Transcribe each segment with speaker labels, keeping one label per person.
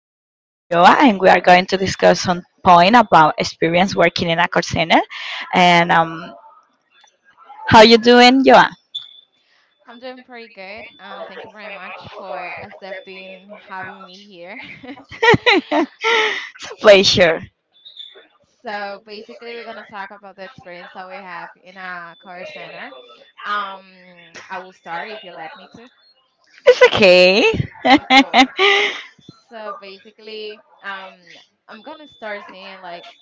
Speaker 1: I'm here with Joa and we are going to discuss some point about experience working in a call center. And how you doing, Joa?
Speaker 2: I'm doing pretty good. Thank you very much for accepting having me here.
Speaker 1: It's a pleasure.
Speaker 2: So basically, we're gonna talk about the experience that we have in a car center. Um, I will start if you let me to.
Speaker 1: It's okay.
Speaker 2: Cool. So basically, I'm gonna start saying like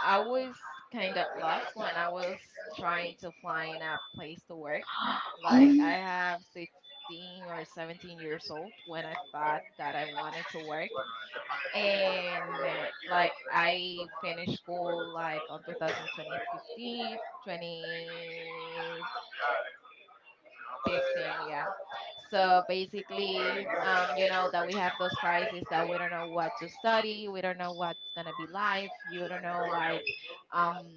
Speaker 2: I was kind of lost when I was trying to find a place to work. Like I
Speaker 1: Mm.
Speaker 2: have 16 or 17 years old when I thought that I wanted to work. And like I finished school like on 2015, 2015, yeah. So basically, you know that we have those crises that we don't know what to study, we don't know what's gonna be life, you don't know like um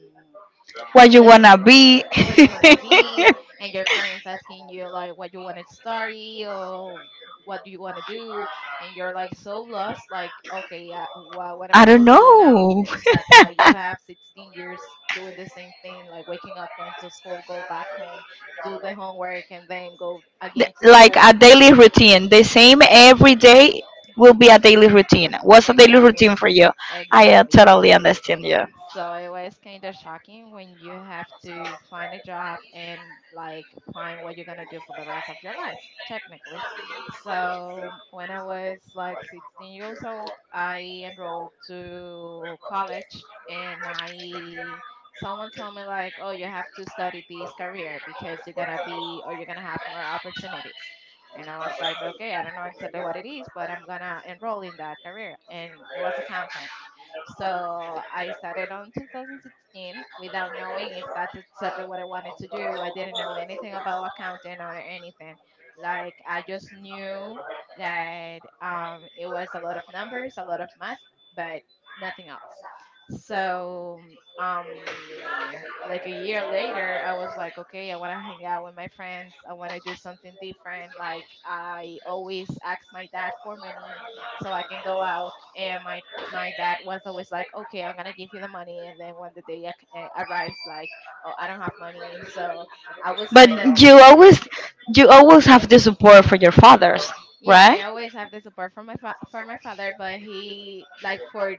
Speaker 1: What you wanna be?
Speaker 2: what you want to be, and your parents asking you like what you want to study or what do you want to do, and you're like so lost like, okay, what am I
Speaker 1: I don't
Speaker 2: supposed to do now
Speaker 1: know.
Speaker 2: exactly. Like you have 16 years doing the same thing like waking up, going to school, go back home, do the homework, and then go again to
Speaker 1: Like
Speaker 2: school.
Speaker 1: a daily routine. The same every day will be a daily routine. What's a daily
Speaker 2: Exactly,
Speaker 1: routine for you? I
Speaker 2: exactly.
Speaker 1: totally understand you.
Speaker 2: So it was kind of shocking when you have to find a job and like find what you're gonna do for the rest of your life, technically. So when I was like 16 years old, I enrolled to college and I someone told me like, oh, you have to study this career because you're gonna be or you're gonna have more opportunities. And I was like, okay, I don't know exactly what it is, but I'm gonna enroll in that career. And it was accountant, so I started on 2016 without knowing if that's exactly what I wanted to do. I didn't know anything about accounting or anything. Like I just knew that it was a lot of numbers, a lot of math, but nothing else. So um, yeah, like a year later, I was like, okay, I want to hang out with my friends. I want to do something different. Like I always ask my dad for money so I can go out, and my dad was always like, okay, I'm gonna give you the money, and then when the day arrives, like, oh, I don't have money, so I was
Speaker 1: But
Speaker 2: kind of
Speaker 1: still you always, you always have the support for your fathers,
Speaker 2: yeah, I
Speaker 1: right?
Speaker 2: always have the support from my for my father, but he like for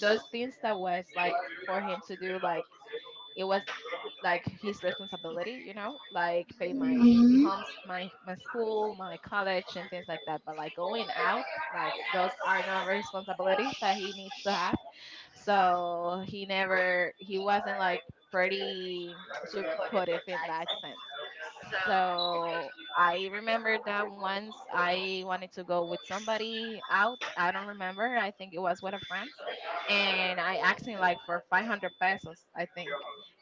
Speaker 2: those things that was like for him to do, like it was like his responsibility, you know, like pay my
Speaker 1: Mhm.
Speaker 2: homes, my school, my college, and things like that, but like going out, like those are not responsibilities that he needs to have. So he never, he wasn't like pretty supportive in that sense. So I remember that once I wanted to go with somebody out, I don't remember, I think it was with a friend, and I asked him like for 500 pesos, I think.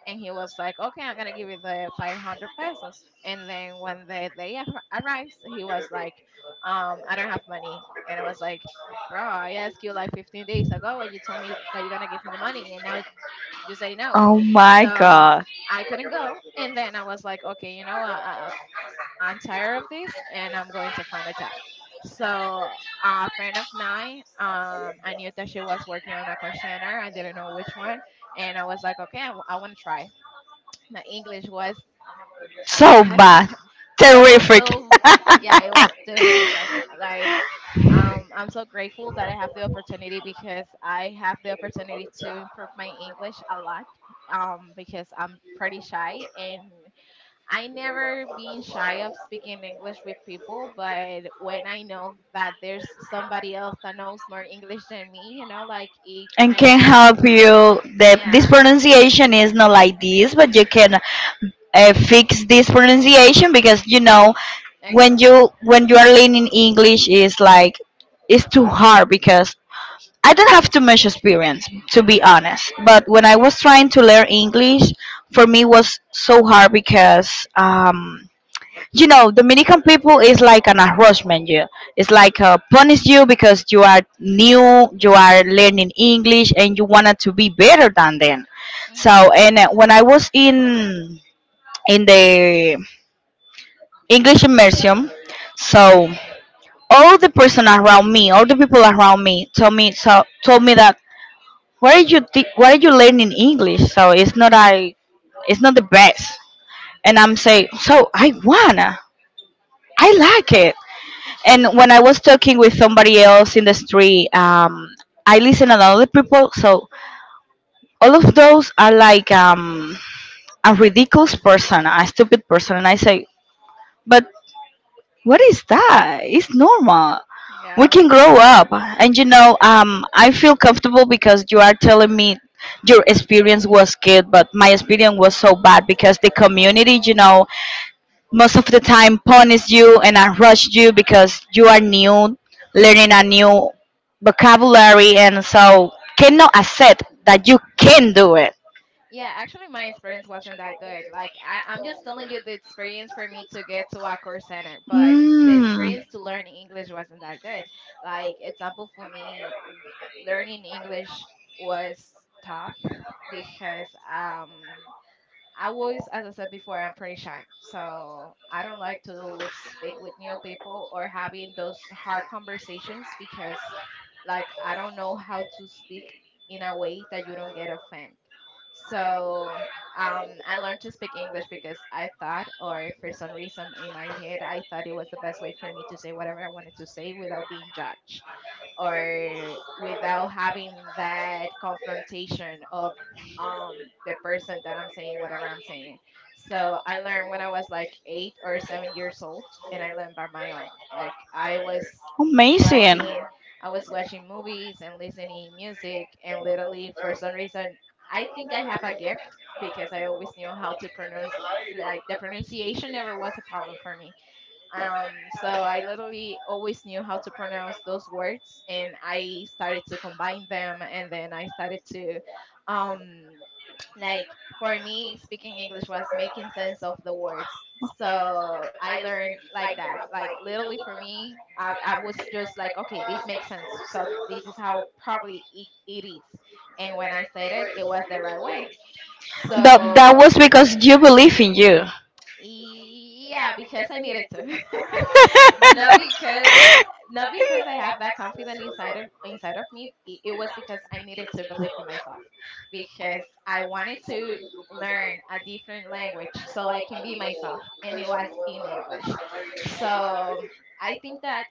Speaker 2: And he was like, "Okay, I'm gonna give you the 500 pesos." And then when the day arrives, he was like, "I don't have money," and I was like, "Bro, I asked you like 15 days ago, and you told me that you're gonna give me the money, and now you say no."
Speaker 1: Oh my.
Speaker 2: So
Speaker 1: I.
Speaker 2: I couldn't go, and then I was like, "Okay, you know, I'm tired of this, and I'm going to find a job." So a friend of mine, I knew that she was working on a call center. I didn't know which one, and I was like, "Okay, I want to try." My English was
Speaker 1: So I
Speaker 2: I
Speaker 1: bad.
Speaker 2: so
Speaker 1: Terrific.
Speaker 2: so
Speaker 1: Yeah,
Speaker 2: yeah, it was terrific. Like I'm so grateful that I have the opportunity because I have the opportunity to improve my English a lot. Because I'm pretty shy and I never been shy of speaking English with people, but when I know that there's somebody else that knows more English than me, you know, like it
Speaker 1: and
Speaker 2: kind
Speaker 1: can
Speaker 2: of
Speaker 1: help you the this, yeah,
Speaker 2: yeah,
Speaker 1: pronunciation is not like this, but you can fix this pronunciation because, when
Speaker 2: exactly.
Speaker 1: you are learning English, is like it's too hard because I don't have too much experience, to be honest. But when I was trying to learn English, for me was so hard because Dominican people is like an harassment, you, it's like punish you because you are new, you are learning English, and you wanted to be better than them. So,
Speaker 2: Hmm.
Speaker 1: and when I was in the English immersion, so all the people around me told me that, why are you learning English? So it's not the best. And I'm saying, so I wanna I like it. And when I was talking with somebody else in the street, I listen to other people. So all of those are like, a ridiculous person, a stupid person, and I say, but what is that? It's normal. We
Speaker 2: Yeah.
Speaker 1: can grow up, and I feel comfortable because you are telling me your experience was good, but my experience was so bad because the community, most of the time punish you and I rush you because you are new,
Speaker 2: Mm.
Speaker 1: learning a new vocabulary, and so cannot accept that you can do it.
Speaker 2: Yeah, actually, my experience wasn't that good. Like, I'm just telling you the experience for me to get to a course center, but the
Speaker 1: Mm,
Speaker 2: experience to learn English wasn't that good. Like, example for me, learning English was tough because I was, as I said before, I'm pretty shy. So I don't like to speak with new people or having those hard conversations because like I don't know how to speak in a way that you don't get offended. So I learned to speak English because I thought, or for some reason in my head, I thought it was the best way for me to say whatever I wanted to say without being judged or without having that confrontation of um the person that I'm saying whatever I'm saying. So I learned when I was like 8 or 7 years old, and I learned by my own. Like I was
Speaker 1: amazing.
Speaker 2: watching, I was watching movies and listening music, and literally for some reason I think I have a gift because I always knew how to pronounce, like the pronunciation never was a problem for me. So I literally always knew how to pronounce those words, and I started to combine them, and then I started to, um, like for me, speaking English was making sense of the words. So I learned like that. Like literally for me, I was just like, okay, this makes sense. So this is how probably it is, and when I said it, it was the right way.
Speaker 1: That
Speaker 2: So
Speaker 1: was because you believe in you.
Speaker 2: yeah, because I needed to. Not because, not because I have that confidence inside of me. It was because I needed to believe in myself because I wanted to learn a different language so I can be myself, and it was in English. So I think that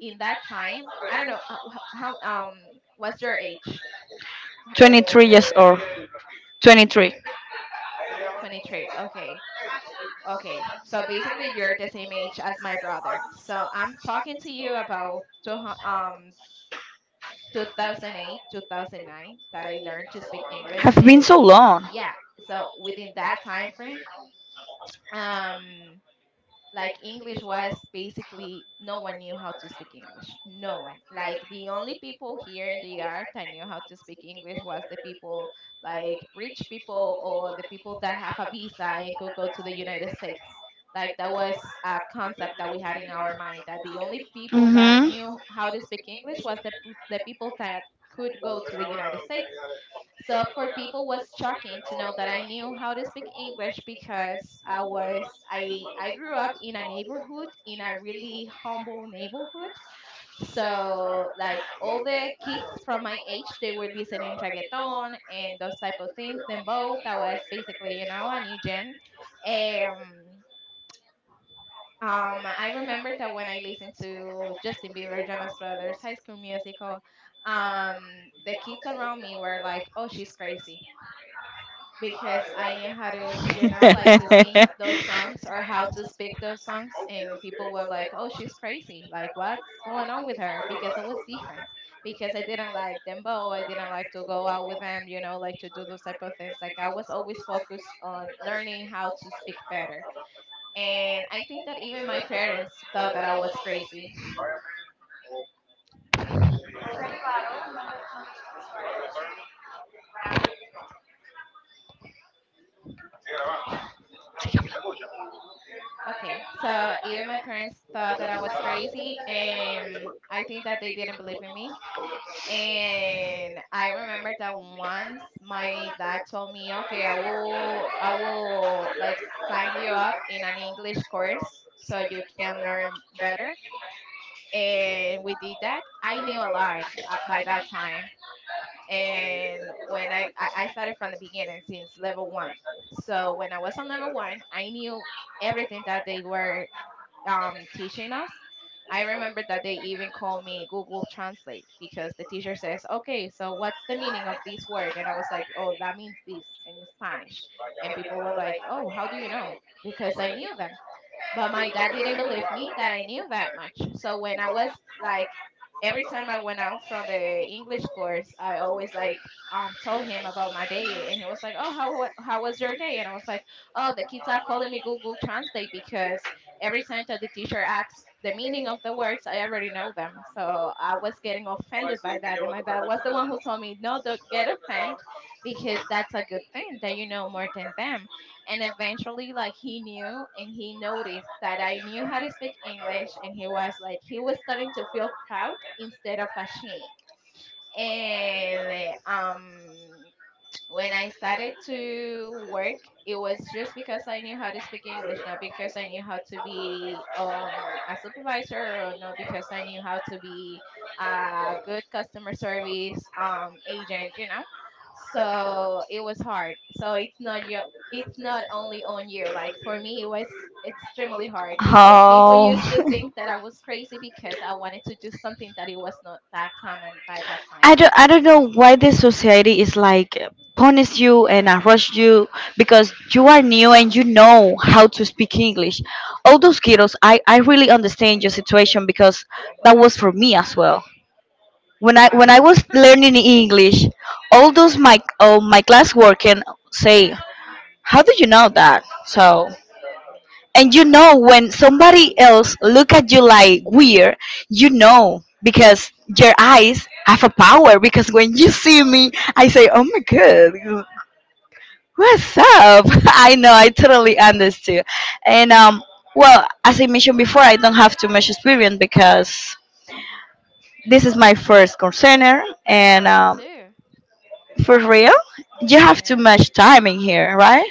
Speaker 2: in that time, I don't know how what's your age?
Speaker 1: 23 years old. 23.
Speaker 2: 23. Okay. Okay, so basically you're the same age as my brother. So I'm talking to you about 2008, 2009 that I learned to speak English
Speaker 1: Have been
Speaker 2: and
Speaker 1: so long.
Speaker 2: yeah, so within that time frame, um like English was basically, no one knew how to speak English. No one. Like the only people here in the art I knew how to speak English was the people like rich people or the people that have a visa and could go to the United States. Like that was a concept that we had in our mind that the only people that
Speaker 1: Mhm.
Speaker 2: knew how to speak English was the the people that could go to the United States. So for people was shocking to know that I knew how to speak English because I was I grew up in a neighborhood, in a really humble neighborhood. So like all the kids from my age, they were listening reggaeton and those type of things. Then both I was basically, you know, a new gen. Um I remember that when I listened to Justin Bieber, Jonas Brothers, High School Musical, um, the kids around me were like, "Oh, she's crazy," because I knew how to, you know, like to sing those songs or how to speak those songs. And people were like, oh, she's crazy. Like, what's going on with her? Because I was different. Because I didn't like dembow. I didn't like to go out with them, you know, like to do those type of things. Like, I was always focused on learning how to speak better. And I think that even my parents thought that I was crazy. Okay, so even my parents thought that I was crazy, and I think that they didn't believe in me. And I remember that once my dad told me, "Okay, I will like sign you up in an English course so you can learn better." And we did that. I knew a lot by that time, and when I started from the beginning since level 1. So when I was on level 1, I knew everything that they were teaching us. I remember that they even called me Google Translate because the teacher says, okay, so what's the meaning of this word? And I was like, oh, that means this in Spanish. And people were like, oh, how do you know? Because I knew them. But my dad didn't believe me that I knew that much. So when I was like, every time I went out from the English course, I always like told him about my day, and he was like, "Oh, how how was your day?" And I was like, "Oh, the kids are calling me Google Translate because every time that the teacher asks." The meaning of the words, I already know them. So I was getting offended by that. And my dad was the one who told me, no, don't get offended because that's a good thing that you know more than them, and eventually, like, he knew and he noticed that I knew how to speak English, and he was like, he was starting to feel proud instead of ashamed. And When I started to work, it was just because I knew how to speak English, not because I knew how to be a supervisor, or not because I knew how to be a good customer service agent. So it was hard. So it's not only on you. Like, for me, it was extremely hard because people used to think that I was crazy because I wanted to do something that it was not that common by that time.
Speaker 1: I don't know why this society is like punish you and rush you because you are new and you know how to speak English. All those kiddos, I really understand your situation because that was for me as well. When I
Speaker 2: Wow.
Speaker 1: when I was learning English, all those my my class work can say, how do you know that? So, and you know when somebody else look at you like weird, you know, because your eyes have a power because
Speaker 2: Hmm,
Speaker 1: when you see me,
Speaker 2: hmm.
Speaker 1: I say, oh my god, what's up? I know, I totally understood. And well, as I mentioned before, I don't have too much experience because this is my first concerner. And
Speaker 2: Mine too.
Speaker 1: for real, you have too
Speaker 2: Yeah.
Speaker 1: much time in here, right?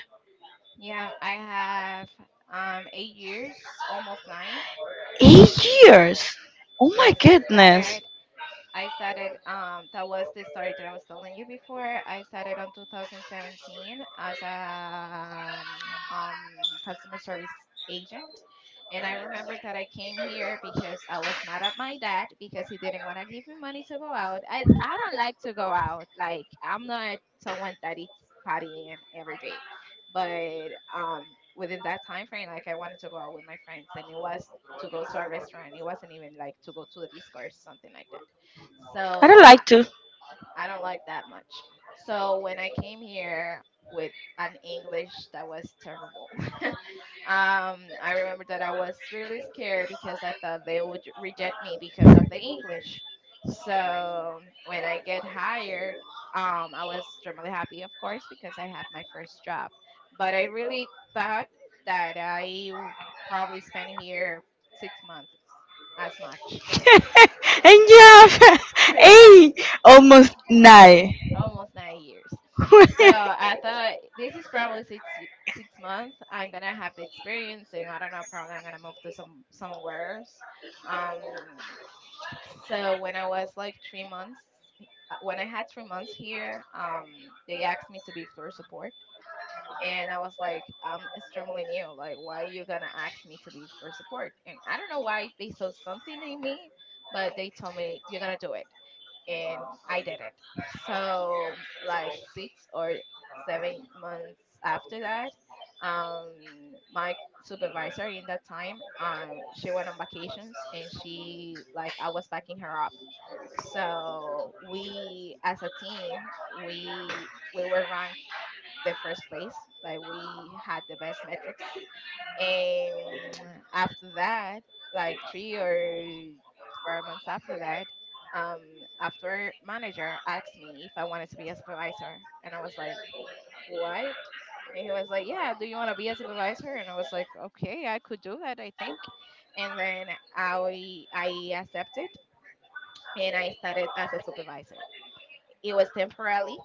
Speaker 2: Yeah, I have 8 years, almost nine.
Speaker 1: 8 years. Oh my
Speaker 2: Yes, I
Speaker 1: goodness.
Speaker 2: started. I started, that was the story that I was telling you before. I started on 2017 as a um, um, customer service agent. And I remember that I came here because I was mad at my dad because he didn't want to give me money to go out. I don't like to go out. Like, I'm not someone that eats partying every day. But um, within that time frame, like, I wanted to go out with my friends. And it was to go to a restaurant. It wasn't even like to go to the disco or something like that,
Speaker 1: I don't
Speaker 2: so I,
Speaker 1: like to.
Speaker 2: I don't like that much. So when I came here with an English that was terrible, I remember that I was really scared because I thought they would reject me because of the English. So when I get hired, I was extremely happy, of course, because I have my first job. But I really thought that probably spent here 6 months as much.
Speaker 1: And you have
Speaker 2: Yeah.
Speaker 1: a almost nine.
Speaker 2: Almost 9 years. So I thought this is probably six months. I'm gonna have the experience, and I don't know, probably I'm gonna move to somewhere else. Um, so when I was like 3 months, when I had 3 months here, they asked me to be floor support. And I was like, I'm extremely new. Like, why you gonna ask me to be for support? And I don't know why they saw something in me, but they told me you're gonna do it, and I did it. So like 6 or 7 months after that, my supervisor in that time, she went on vacations and she, like, I was backing her up. So we, as a team, we were ranked the first place. Like, we had the best metrics, and after that, like 3 or 4 months after that, um, after manager asked me if I wanted to be a supervisor, and I was like, what? And he was like, yeah, do you want to be a supervisor? And I was like, okay, I could do that, I think. And then I accepted, and I started as a supervisor. It was temporarily,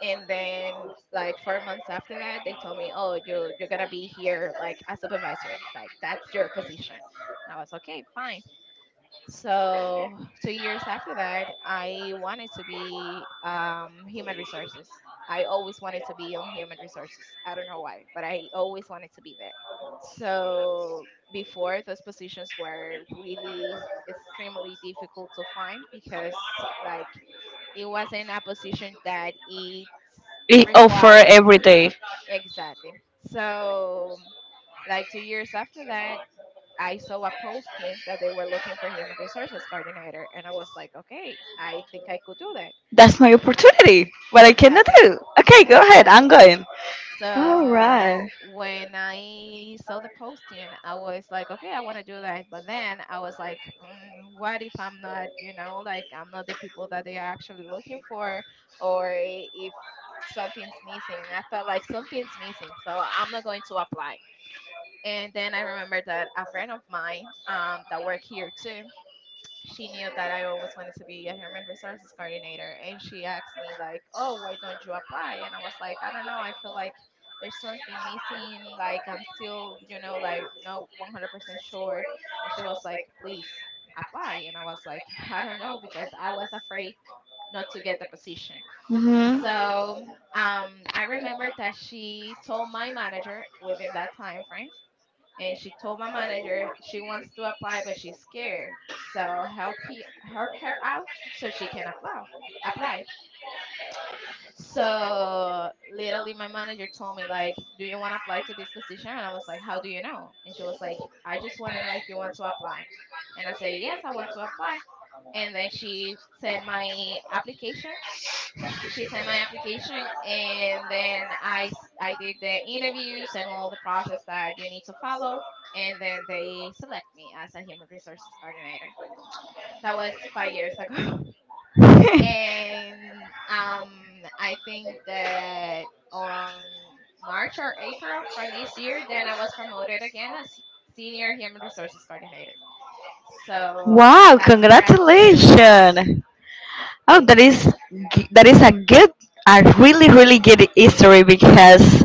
Speaker 2: and then like 4 months after that they told me, oh, you're gonna be here like a supervisor, like that's your position. And I was, okay, fine. So 2 years after that I wanted to be human resources. I always wanted to be on human resources, I don't know why, but I always wanted to be there. So before, those positions were really extremely difficult to find because, like, it was in a position that it
Speaker 1: It offer
Speaker 2: required.
Speaker 1: every day.
Speaker 2: Exactly. So like 2 years after that, I saw a posting that they were looking for human resources coordinator, and I was like, okay, I think I could do that.
Speaker 1: That's my opportunity. What I cannot
Speaker 2: Exactly,
Speaker 1: do. Okay, go ahead. I'm
Speaker 2: exactly.
Speaker 1: going. All right.
Speaker 2: So when I saw the posting, I was like, okay, I want to do that. But then I was like, what if I'm not, like, I'm not the people that they are actually looking for, or if something's missing. I thought like something's missing, so I'm not going to apply. And then I remembered that a friend of mine that worked here too, she knew that I always wanted to be a human resources coordinator, and she asked me like, "Oh, why don't you apply?" And I was like, "I don't know. I feel like there's something missing. Like, I'm still, like, not 100% sure." And she was like, "Please apply." And I was like, "I don't know, because I was afraid not to get the position."
Speaker 1: Mhm.
Speaker 2: So I remember that she told my manager within that time frame, and she told my manager she wants to apply but she's scared, so help, he help her out so she can apply. So literally my manager told me, like, do you want to apply to this position? And I was like, how do you know? And she was like, I just want to know if you want to apply. And I said, yes, I want to apply. And then she sent my application. And then I did the interviews and all the process that you need to follow, and then they select me as a human resources coordinator. That was 5 years ago. And I think that on March or April from this year, then I was promoted again as senior human resources coordinator. So
Speaker 1: Wow!
Speaker 2: that's where I'm standing right now.
Speaker 1: Congratulations. Oh,
Speaker 2: Thank
Speaker 1: that
Speaker 2: you.
Speaker 1: is, a good, a really really good history because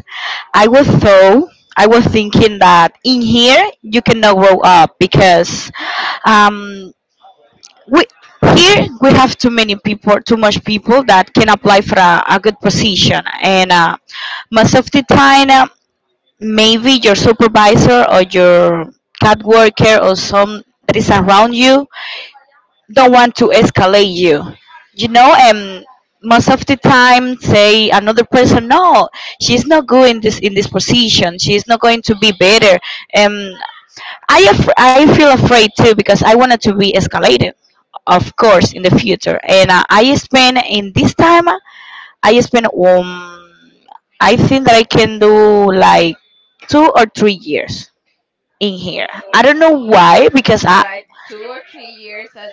Speaker 1: I was so I was thinking that in here you cannot grow up because um we here we have too many people, too much people that can apply for a good position, and most of the time maybe your supervisor or your cat worker or some that is around you don't want to escalate you, you know and most of the time say another person, no, she's not good in this position, she's not going to be better. And I feel afraid too because I wanted to be escalated, of course, in the future. And I spend in this time, I spend, I think that I can do like 2 or 3 years in here. I don't know why, because I.
Speaker 2: But 2 or 3 years as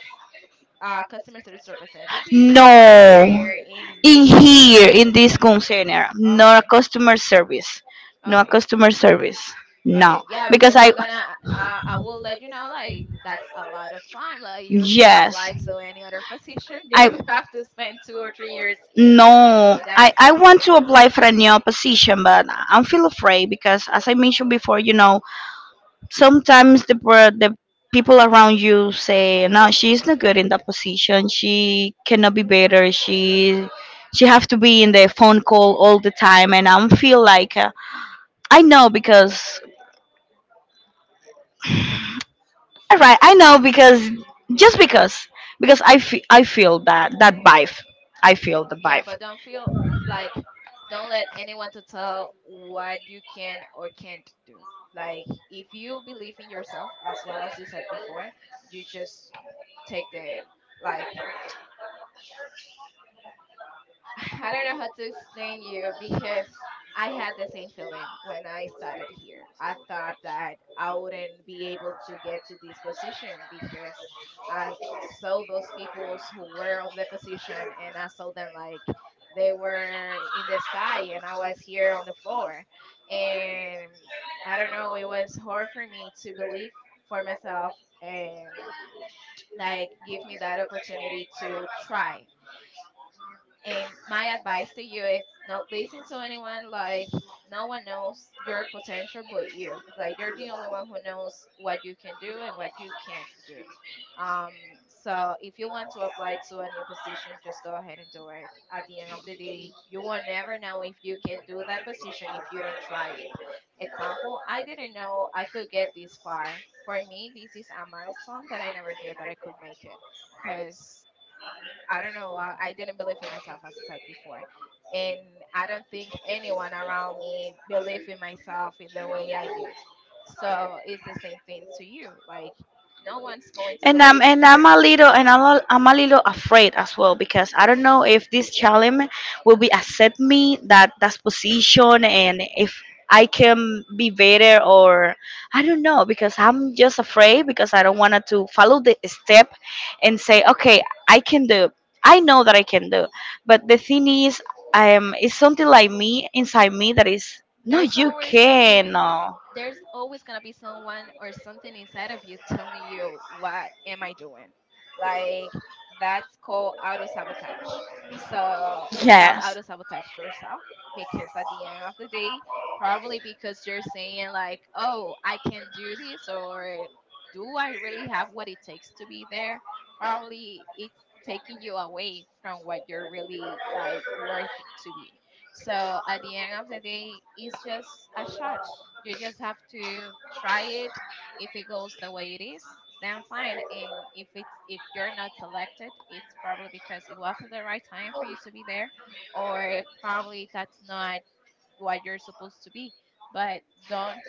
Speaker 2: customer service representative, or
Speaker 1: No.
Speaker 2: here in
Speaker 1: In
Speaker 2: this call
Speaker 1: here,
Speaker 2: center?
Speaker 1: in this container, no
Speaker 2: Okay,
Speaker 1: customer service. No
Speaker 2: okay,
Speaker 1: customer service.
Speaker 2: okay.
Speaker 1: No.
Speaker 2: Yeah,
Speaker 1: Because
Speaker 2: because
Speaker 1: I.
Speaker 2: I will let you know, like, that's a lot of time. Like, you can
Speaker 1: Yes.
Speaker 2: apply to any other position. You
Speaker 1: I,
Speaker 2: don't have to spend 2 or 3 years in
Speaker 1: No,
Speaker 2: in that
Speaker 1: I want
Speaker 2: specific
Speaker 1: to apply for
Speaker 2: position.
Speaker 1: a new position, but I'm feel afraid because as I mentioned before, you know, sometimes the people around you say, no, she's not good in that position, she cannot be better, she have to be in the phone call all the time, and I feel like I know because, all right, I know because, just because, I feel that vibe, I feel the
Speaker 2: Yeah,
Speaker 1: vibe.
Speaker 2: but don't feel like, don't let anyone to tell what you can or can't do. Like, if you believe in yourself, as well as you said before, you just take the, like, I don't know how to explain you, because I had the same feeling when I started here. I thought that I wouldn't be able to get to this position because I saw those peoples who were on the position and I saw them like they were in the sky and I was here on the floor. And I don't know, it was hard for me to believe for myself and, like, give me that opportunity to try. And my advice to you is not listen to anyone. Like, no one knows your potential but you. Like, you're the only one who knows what you can do and what you can't do. Um, so if you want to apply to a new position, just go ahead and do it. At the end of the day, you will never know if you can do that position if you don't try it. Example, I didn't know I could get this far. For me, this is a milestone that I never knew that I could make it, because I don't know. I didn't believe in myself, as I said before. And I don't think anyone around me believed in myself in the way I did. So it's the same thing to you. Like, no one's going to believe in
Speaker 1: And I'm
Speaker 2: you.
Speaker 1: a little and I'm a little afraid as well, because I don't know if this challenge will be accept me that position, and if I can be better, or I don't know, because I'm just afraid, because I don't want to follow the step and say, okay, I can do I know that I can do, but the thing is, it's something like, me inside me, that is no,
Speaker 2: There's
Speaker 1: you
Speaker 2: always something,
Speaker 1: can, no.
Speaker 2: there's always gonna be someone or something inside of you telling you, what am I doing? Like, that's called auto sabotage. So stop
Speaker 1: Yes.
Speaker 2: auto sabotage yourself, because at the end of the day, probably because you're saying like, oh, I can do this, or do I really have what it takes to be there? Probably it's taking you away from what you're really, like, worth to be. So at the end of the day, it's just a shot. You just have to try it. If it goes the way it is, then fine. And if you're not selected, it's probably because it wasn't the right time for you to be there, or probably that's not what you're supposed to be. But don't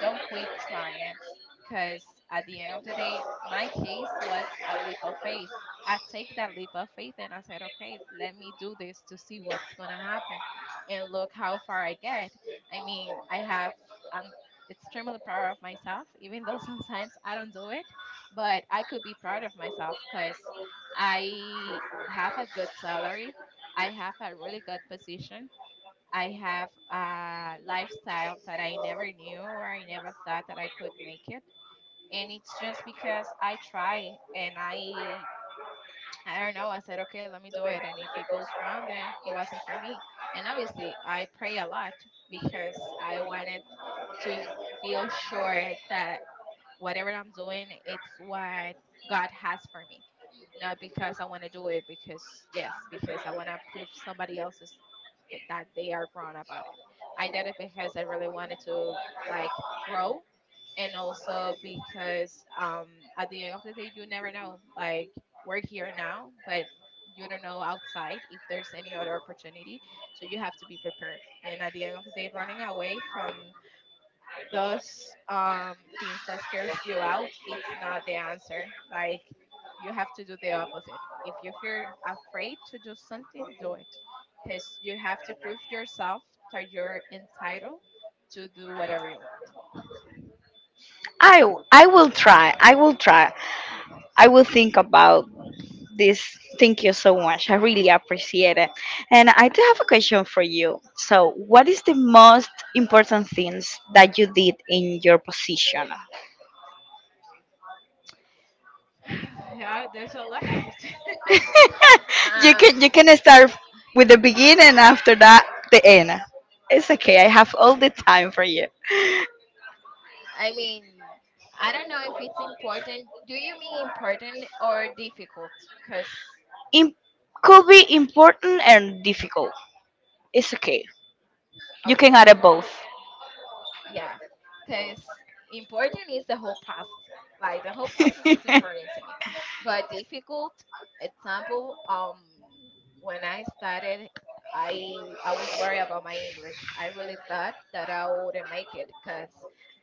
Speaker 2: don't quit trying, because at the end of the day my case was a leap of faith. I take that leap of faith and I said, okay, let me do this to see what's going to happen. And look how far I get. I mean, I'm extremely proud of myself, even though sometimes I don't do it, but I could be proud of myself because I have a good salary, I have a really good position. I have a lifestyle that I never knew or I never thought that I could make it. And it's just because I try and I don't know, I said, okay, let me do it. And if it goes wrong, then it wasn't for me. And obviously, I pray a lot because I wanted to feel sure that whatever I'm doing, it's what God has for me. Not because I want to do it, because yes, because I want to prove somebody else's c- that they are wrong about it. I did it because I really wanted to like grow, and also because at the end of the day, you never know. Like we're here now, but you don't know outside if there's any other opportunity, so you have to be prepared. And at the end of the day, running away from those things that scares you out it's not the answer, like you have to do the opposite. If you feel afraid to do something, do it, because you have to prove yourself that you're entitled to do whatever you want.
Speaker 1: I will try. I will try. I will think about this. Thank you so much. I really appreciate it. And I do have a question for you. So, what is the most important things that you did in your position?
Speaker 2: Yeah, there's a lot.
Speaker 1: you
Speaker 2: Um,
Speaker 1: can you can start with the beginning and after that the end. It's okay. I have all the time for you.
Speaker 2: I mean, I don't know if it's important. Do you mean important or difficult? Because
Speaker 1: It could be important and difficult. It's okay. You can
Speaker 2: Okay.
Speaker 1: have both.
Speaker 2: Yeah, because important is the whole process. Like the whole process was important to me, but difficult example. When I started, I was worried about my English. I really thought that I wouldn't make it because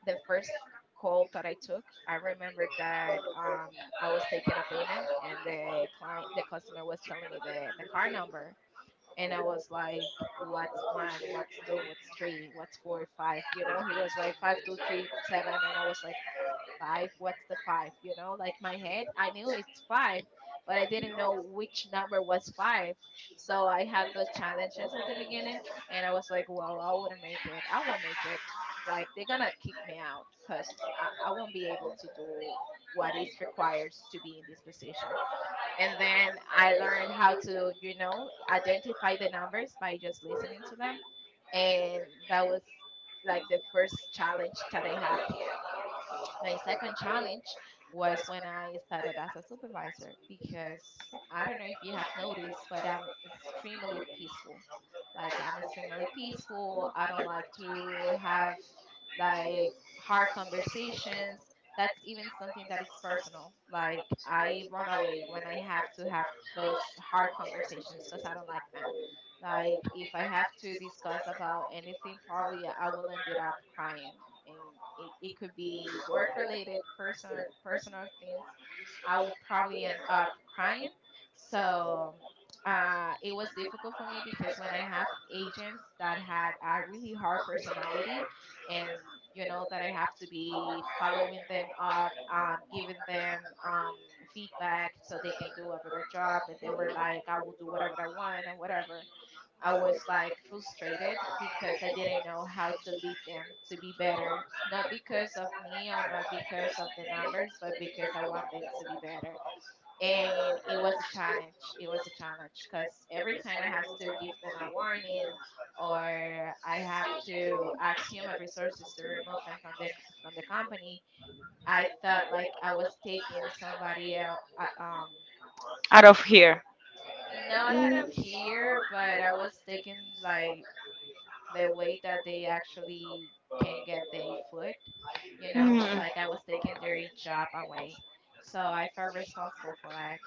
Speaker 2: the first call that I took, I remember that I was taking a payment, and the client, the customer was telling me the card number, and I was like, what's one, what's two, what's three, what's four, five? You know, he was like five, two, three, seven. And I was like, five, what's the five? You know, like my head, I knew it's five, but I didn't know which number was five. So I had those challenges at the beginning. And I was like, well, I wouldn't make it. I won't make it. Like, they're going to kick me out because I won't be able to do what is requires to be in this position. And then I learned how to, you know, identify the numbers by just listening to them. And that was like the first challenge that I have here. My second challenge was when I started as a supervisor, because I don't know if you have noticed, but I'm extremely peaceful. Like, I'm extremely peaceful. I don't like to have like hard conversations. That's even something that is personal. Like, I run away when I have to have those hard conversations because I don't like them. Like if I have to discuss about anything, probably I will end it up crying. And it could be work related, personal things. I will probably end up crying. So it was difficult for me because when I have agents that had a really hard personality, and you know that I have to be following them up, giving them feedback so they can do a better job. And they were like, I will do whatever I want and whatever. I was like frustrated because I didn't know how to lead them to be better, not because of me or not because of the numbers, but because I want them to be better. And it was a challenge. It was a challenge because every time I have to give them a warning or I have to ask human resources to remove them from the company, I thought like I was taking somebody else,
Speaker 1: Out of here.
Speaker 2: not out
Speaker 1: Mm.
Speaker 2: of
Speaker 1: Mm.
Speaker 2: here, but I was taking like the way that they actually can get their food, you know, like I was taking their job away. So I felt responsible for that.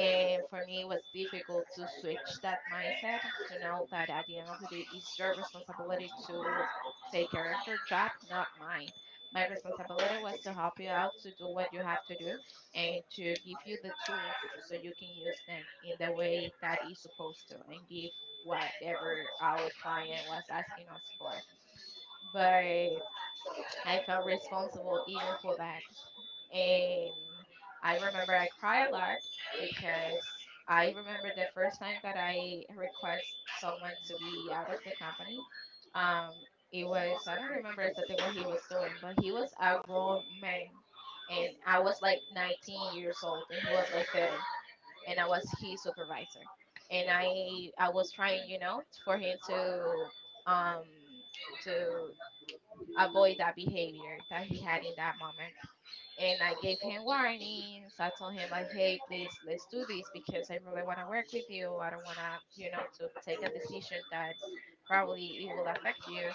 Speaker 2: And for me, it was difficult to switch that mindset to know that at the end of the day, it's your responsibility to take care of your job, not mine. My responsibility was to help you out to do what you have to do and to give you the tools so you can use them in the way that is supposed to and give whatever our client was asking us for. But I felt responsible even for that. And I remember I cry a lot because I remember the first time that I request someone to be out of the company. Um, it was, I don't remember exactly what he was doing, but he was a grown man, and I was like 19 years old, and he was like 30, and I was his supervisor, and I was trying, you know, for him to um to avoid that behavior that he had in that moment, and I gave him warnings. I told him like, "Hey, please, let's do this because I really want to work with you. I don't want to, you know, to take a decision that probably it will affect you."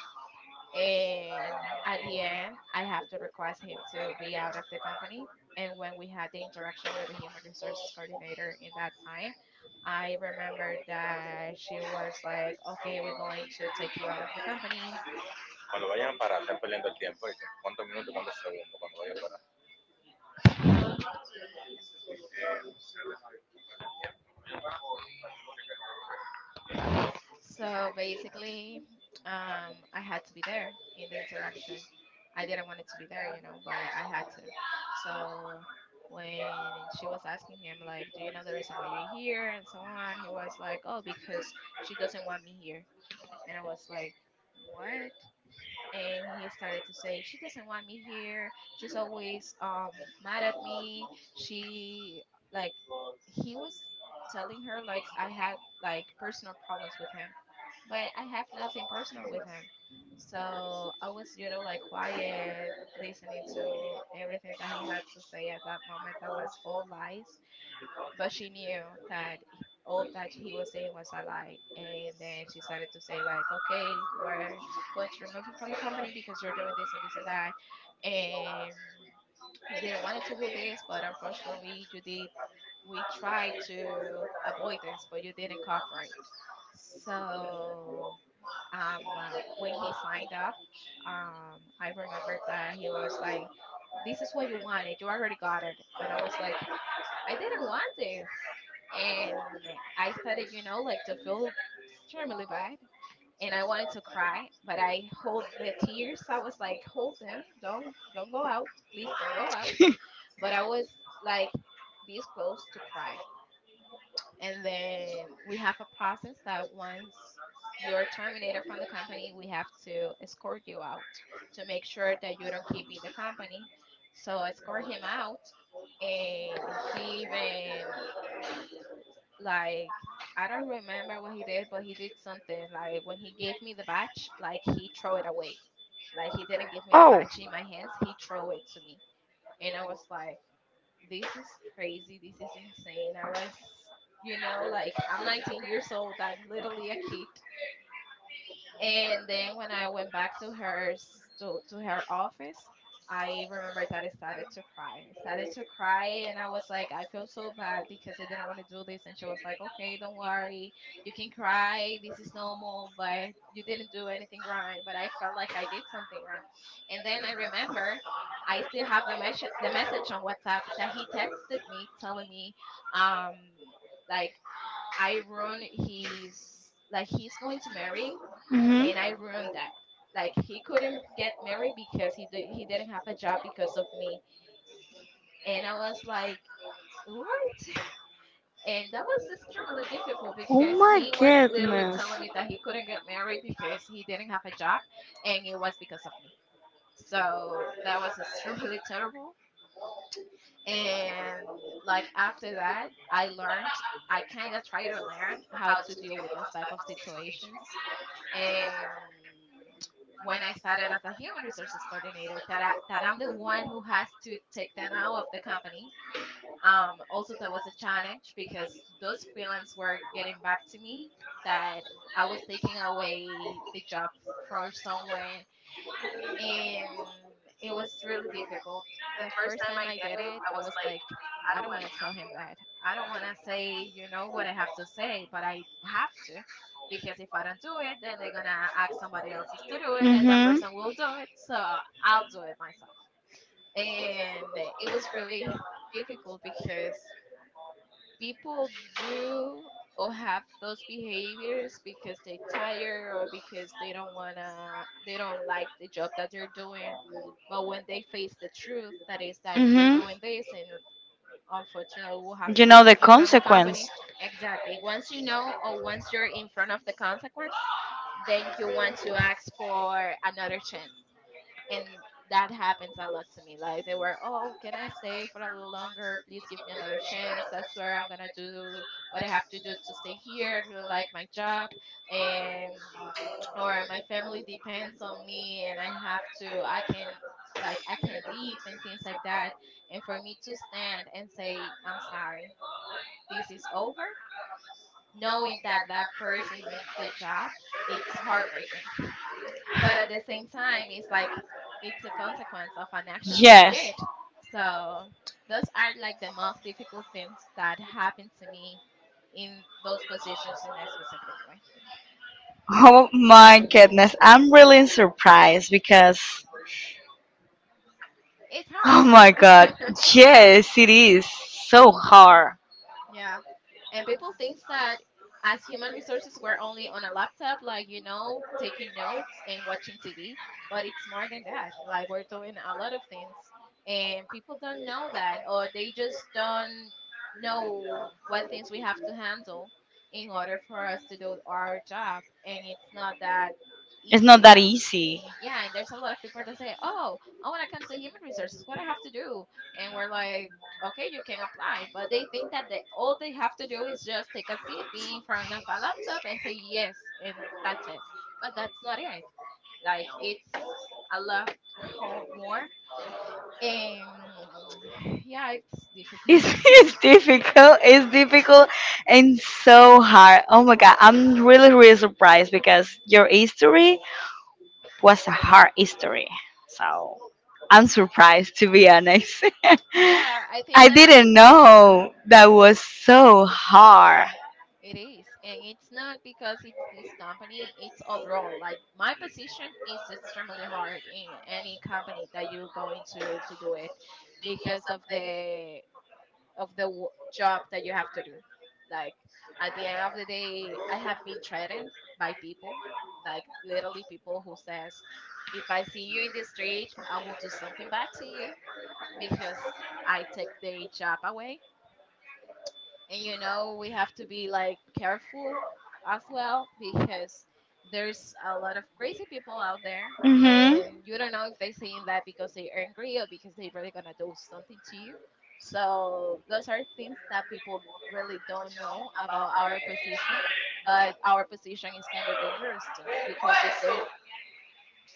Speaker 2: And at the end, I have to request him to be out of the company. And when we had the interaction with the human resources coordinator in that time, I remember that she was like, "Okay, we're going to take you out of the company." So basically, I had to be there in the interaction. I didn't want it to be there, you know, but I had to. So when she was asking him, like, do you know the reason why you're here and so on, he was like, oh, because she doesn't want me here. And I was like, what? And he started to say, she doesn't want me here, she's always mad at me, she like, he was telling her like I had like personal problems with him, but I have nothing personal with him. So I was, you know, like quiet, listening to everything that he had to say at that moment, that was all lies. But she knew that all that he was saying was a lie. And then she started to say like, okay, we're going to remove you from the company because you're doing this and this and that, and we didn't want it to do this, but unfortunately, you did. We tried to avoid this, but you didn't cooperate. So when he signed up, I remembered that he was like, "This is what you wanted. You already got it." And I was like, I didn't want this. And I started, you know, like to feel extremely bad. And I wanted to cry, but I hold the tears. I was like, hold them. Don't go out. Please don't go out. But I was like this close to cry. And then we have a process that once you're terminated from the company, we have to escort you out to make sure that you don't keep in the company. So I escort him out, and he even like, I don't remember what he did, but he did something like when he gave me the batch, like he threw it away. Like he didn't give me the
Speaker 1: Oh.
Speaker 2: batch in my hands, he threw it to me. And I was like, this is crazy, this is insane. I was, you know, like I'm 19 years old, I'm literally a kid. And then when I went back to to her office, I remembered that I started to cry. I started to cry and I was like, I feel so bad because I didn't want to do this. And she was like, okay, don't worry. You can cry. This is normal, but you didn't do anything wrong. But I felt like I did something wrong. And then I remember I still have the the message on WhatsApp that he texted me telling me um like I ruined his, like he's going to marry
Speaker 1: Mhm.
Speaker 2: and I ruined that. Like he couldn't get married because he didn't have a job because of me, and I was like, what? And that was extremely difficult
Speaker 1: Oh
Speaker 2: because he
Speaker 1: my
Speaker 2: was literally
Speaker 1: goodness.
Speaker 2: telling me that he couldn't get married because he didn't have a job, and it was because of me. So that was extremely terrible. And like after that, I learned. I kind of try to learn how to deal with those type of situations, um, when I started as a human resources coordinator, that I'm the one who has to take them out of the company. Also, that was a challenge because those freelance were getting back to me that I was taking away the job for someone, and it was really difficult. The first time I did it, I was like, I don't want to tell him that. I don't want to say, you know, what I have to say, but I have to, because if I don't do it, then they're going to ask somebody else to do it and that person will do it. So I'll do it myself. And it was really difficult because people do or have those behaviors because they tired or because they don't like the job that they're doing. But when they
Speaker 1: Mhm.
Speaker 2: face the truth that is that you're
Speaker 1: Hmm.
Speaker 2: doing this and unfortunately we'll have to
Speaker 1: You know the
Speaker 2: remove you from the company.
Speaker 1: consequence.
Speaker 2: Exactly, once you know, or once you're in front of the consequence, then you want to ask for another chance. And that happens a lot to me, like they were, oh, can I stay for a little longer, please give me another chance, I swear I'm gonna do what I have to do to stay here, I really like my job, and or my family depends on me and I have to, I can, like I can leave and things like that. And for me to stand and say I'm sorry, this is over, knowing that that person needs the job, it's heartbreaking. But at the same time it's like, it's a consequence of an action that you
Speaker 1: Yes.
Speaker 2: did. So those are like the most difficult things that happened to me in those positions, in a specific way.
Speaker 1: Oh my goodness. I'm really surprised because,
Speaker 2: It's
Speaker 1: oh
Speaker 2: hard.
Speaker 1: my god, yes, it is so hard.
Speaker 2: Yeah. And people thinks that as human resources, we're only on a laptop, like, you know, taking notes and watching TV, but it's more than that. Like, we're doing a lot of things, and people don't know that, or they just don't know what things we have to handle in order for us to do our job. And it's not that
Speaker 1: It's not
Speaker 2: easy
Speaker 1: that
Speaker 2: as,
Speaker 1: easy.
Speaker 2: yeah. And there's a lot of people that say, oh, I want to come to human resources, what I have to do? And we're like, okay, you can apply, but they think that they, all they have to do is just take a seat, be in front of a laptop and say yes, and that's it. But that's not it, like it's a lot, more. And yeah, it's difficult.
Speaker 1: It's, it's difficult. It's difficult and so hard. Oh my god, I'm really really surprised because your history was a hard history. So I'm surprised, to be honest.
Speaker 2: Yeah, I think
Speaker 1: I
Speaker 2: that I.
Speaker 1: didn't know that was so hard.
Speaker 2: It is, and it's not because it's this company, it's overall. Like my position is extremely hard in any company that you go into to do it, because of the job that you have to do. Like at the end of the day, I have been threatened by people, like literally people who says, "If I see you in the street, I will do something bad to you because I take the job away." And you know we have to be like careful as well, because there's a lot of crazy people out there.
Speaker 1: Mhm.
Speaker 2: And you don't know if they're saying that because they're angry or because they're really gonna do something to you. So those are things that people really don't know about our position. But our position is kind of dangerous too, because if there,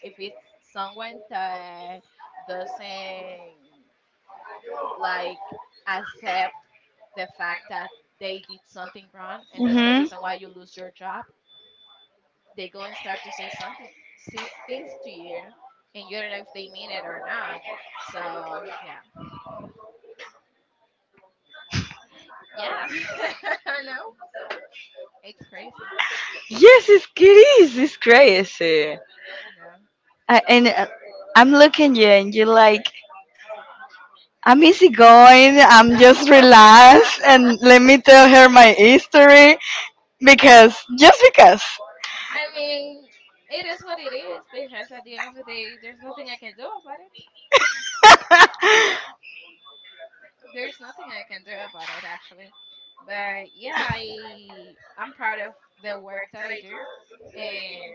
Speaker 2: if it's someone that doesn't like accept the fact that they did something wrong and that's the
Speaker 1: Mhm.
Speaker 2: reason why you lose your job, they go and start to say something, see, things to you, and you don't know if they mean it or not. So yeah. Yeah. I know, it's crazy.
Speaker 1: Yes, it's, it is. It's crazy.
Speaker 2: Yeah.
Speaker 1: I, and I'm looking you, and you're like, I'm easygoing, I'm just relaxed, and let me tell her my history, because just because.
Speaker 2: I mean, it is what it is, because at the end of the day, there's nothing I can do about it. There's nothing I can do about it actually. But yeah, I'm proud of the work that I do. And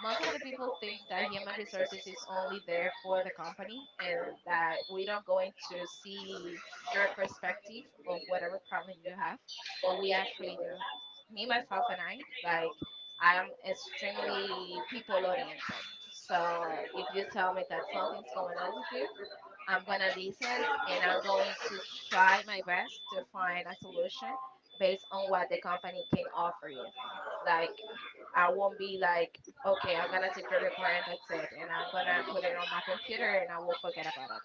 Speaker 2: most of the people think that human resources is only there for the company and that we don't going to see your perspective of whatever problem you have, but we actually do. Me, myself and I, like I am extremely people oriented. So if you tell me that something's going on with you, I'm going to listen and I'm going to try my best to find a solution based on what the company can offer you. Like, I won't be like, okay, I'm going to take your report and that's it. And I'm going to put it on my computer and I will forget about it.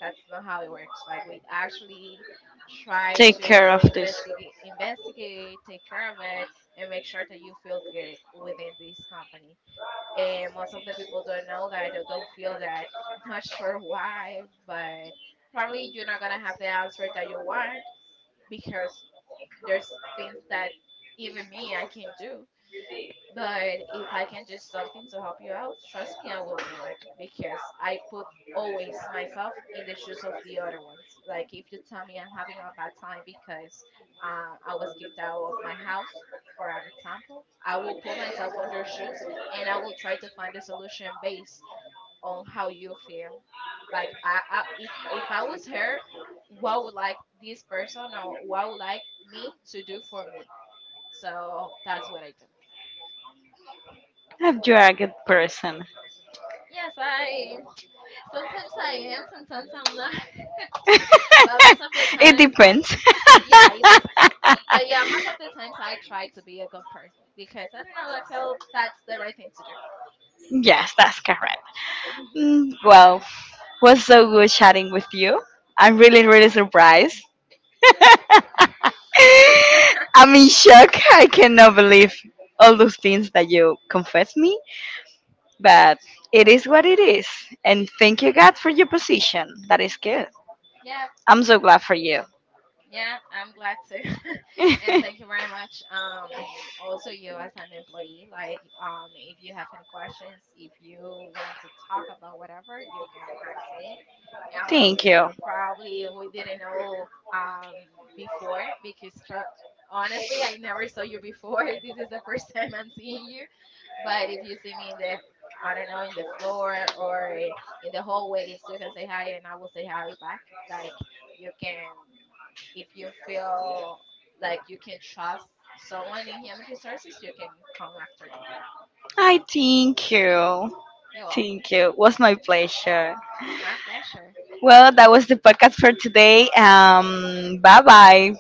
Speaker 2: That's not how it works. Like, we actually try
Speaker 1: Take care
Speaker 2: to
Speaker 1: of this.
Speaker 2: investigate, investigate, take care of it, and make sure that you feel good within this company. And most of the people don't know that. I don't feel that. Not sure why, but probably you're not gonna have the answer that you want, because there's things that even me I can do. But if I can do something to help you out, trust me, I will do it, because I put always myself in the shoes of the other ones. Like if you tell me I'm having a bad time because I was kicked out of my house, for an example, I will put myself on your shoes and I will try to find a solution based on how you feel. Like I if I was her, what would like this person or what would like me to do for me? So that's what I do.
Speaker 1: If you are a good person.
Speaker 2: Yes, I. Sometimes I am, sometimes I'm not. But most of the
Speaker 1: It
Speaker 2: times that's,
Speaker 1: depends.
Speaker 2: yeah, it depends. But yeah, most of the times I try to be a good person, because I don't know, I feel that's the right thing to do.
Speaker 1: Yes, that's correct.
Speaker 2: Hmm.
Speaker 1: Mm, well, was so good chatting with you. I'm really, really surprised.
Speaker 2: Yeah.
Speaker 1: I'm in shock. I cannot believe all those things that you confessed me, but it is what it is. And thank you, God, for your position. That is good.
Speaker 2: Yeah.
Speaker 1: I'm so glad for you.
Speaker 2: Yeah, I'm glad to. And thank you very much. Also, you as an employee, like if you have any questions, if you want to talk about whatever, you can ask me. Um,
Speaker 1: Thank you.
Speaker 2: Probably we didn't know before because honestly, I never saw you before. This is the first time I'm seeing you. But if you see me in the, I don't know, in the floor or in the hallways, you can say hi and I will say hi back. Like you can, if you feel like you can trust someone in human resources, you can come after me.
Speaker 1: I thank you.
Speaker 2: You're welcome.
Speaker 1: Thank you. It was my pleasure.
Speaker 2: My pleasure.
Speaker 1: Well, that was the podcast for today. Bye bye.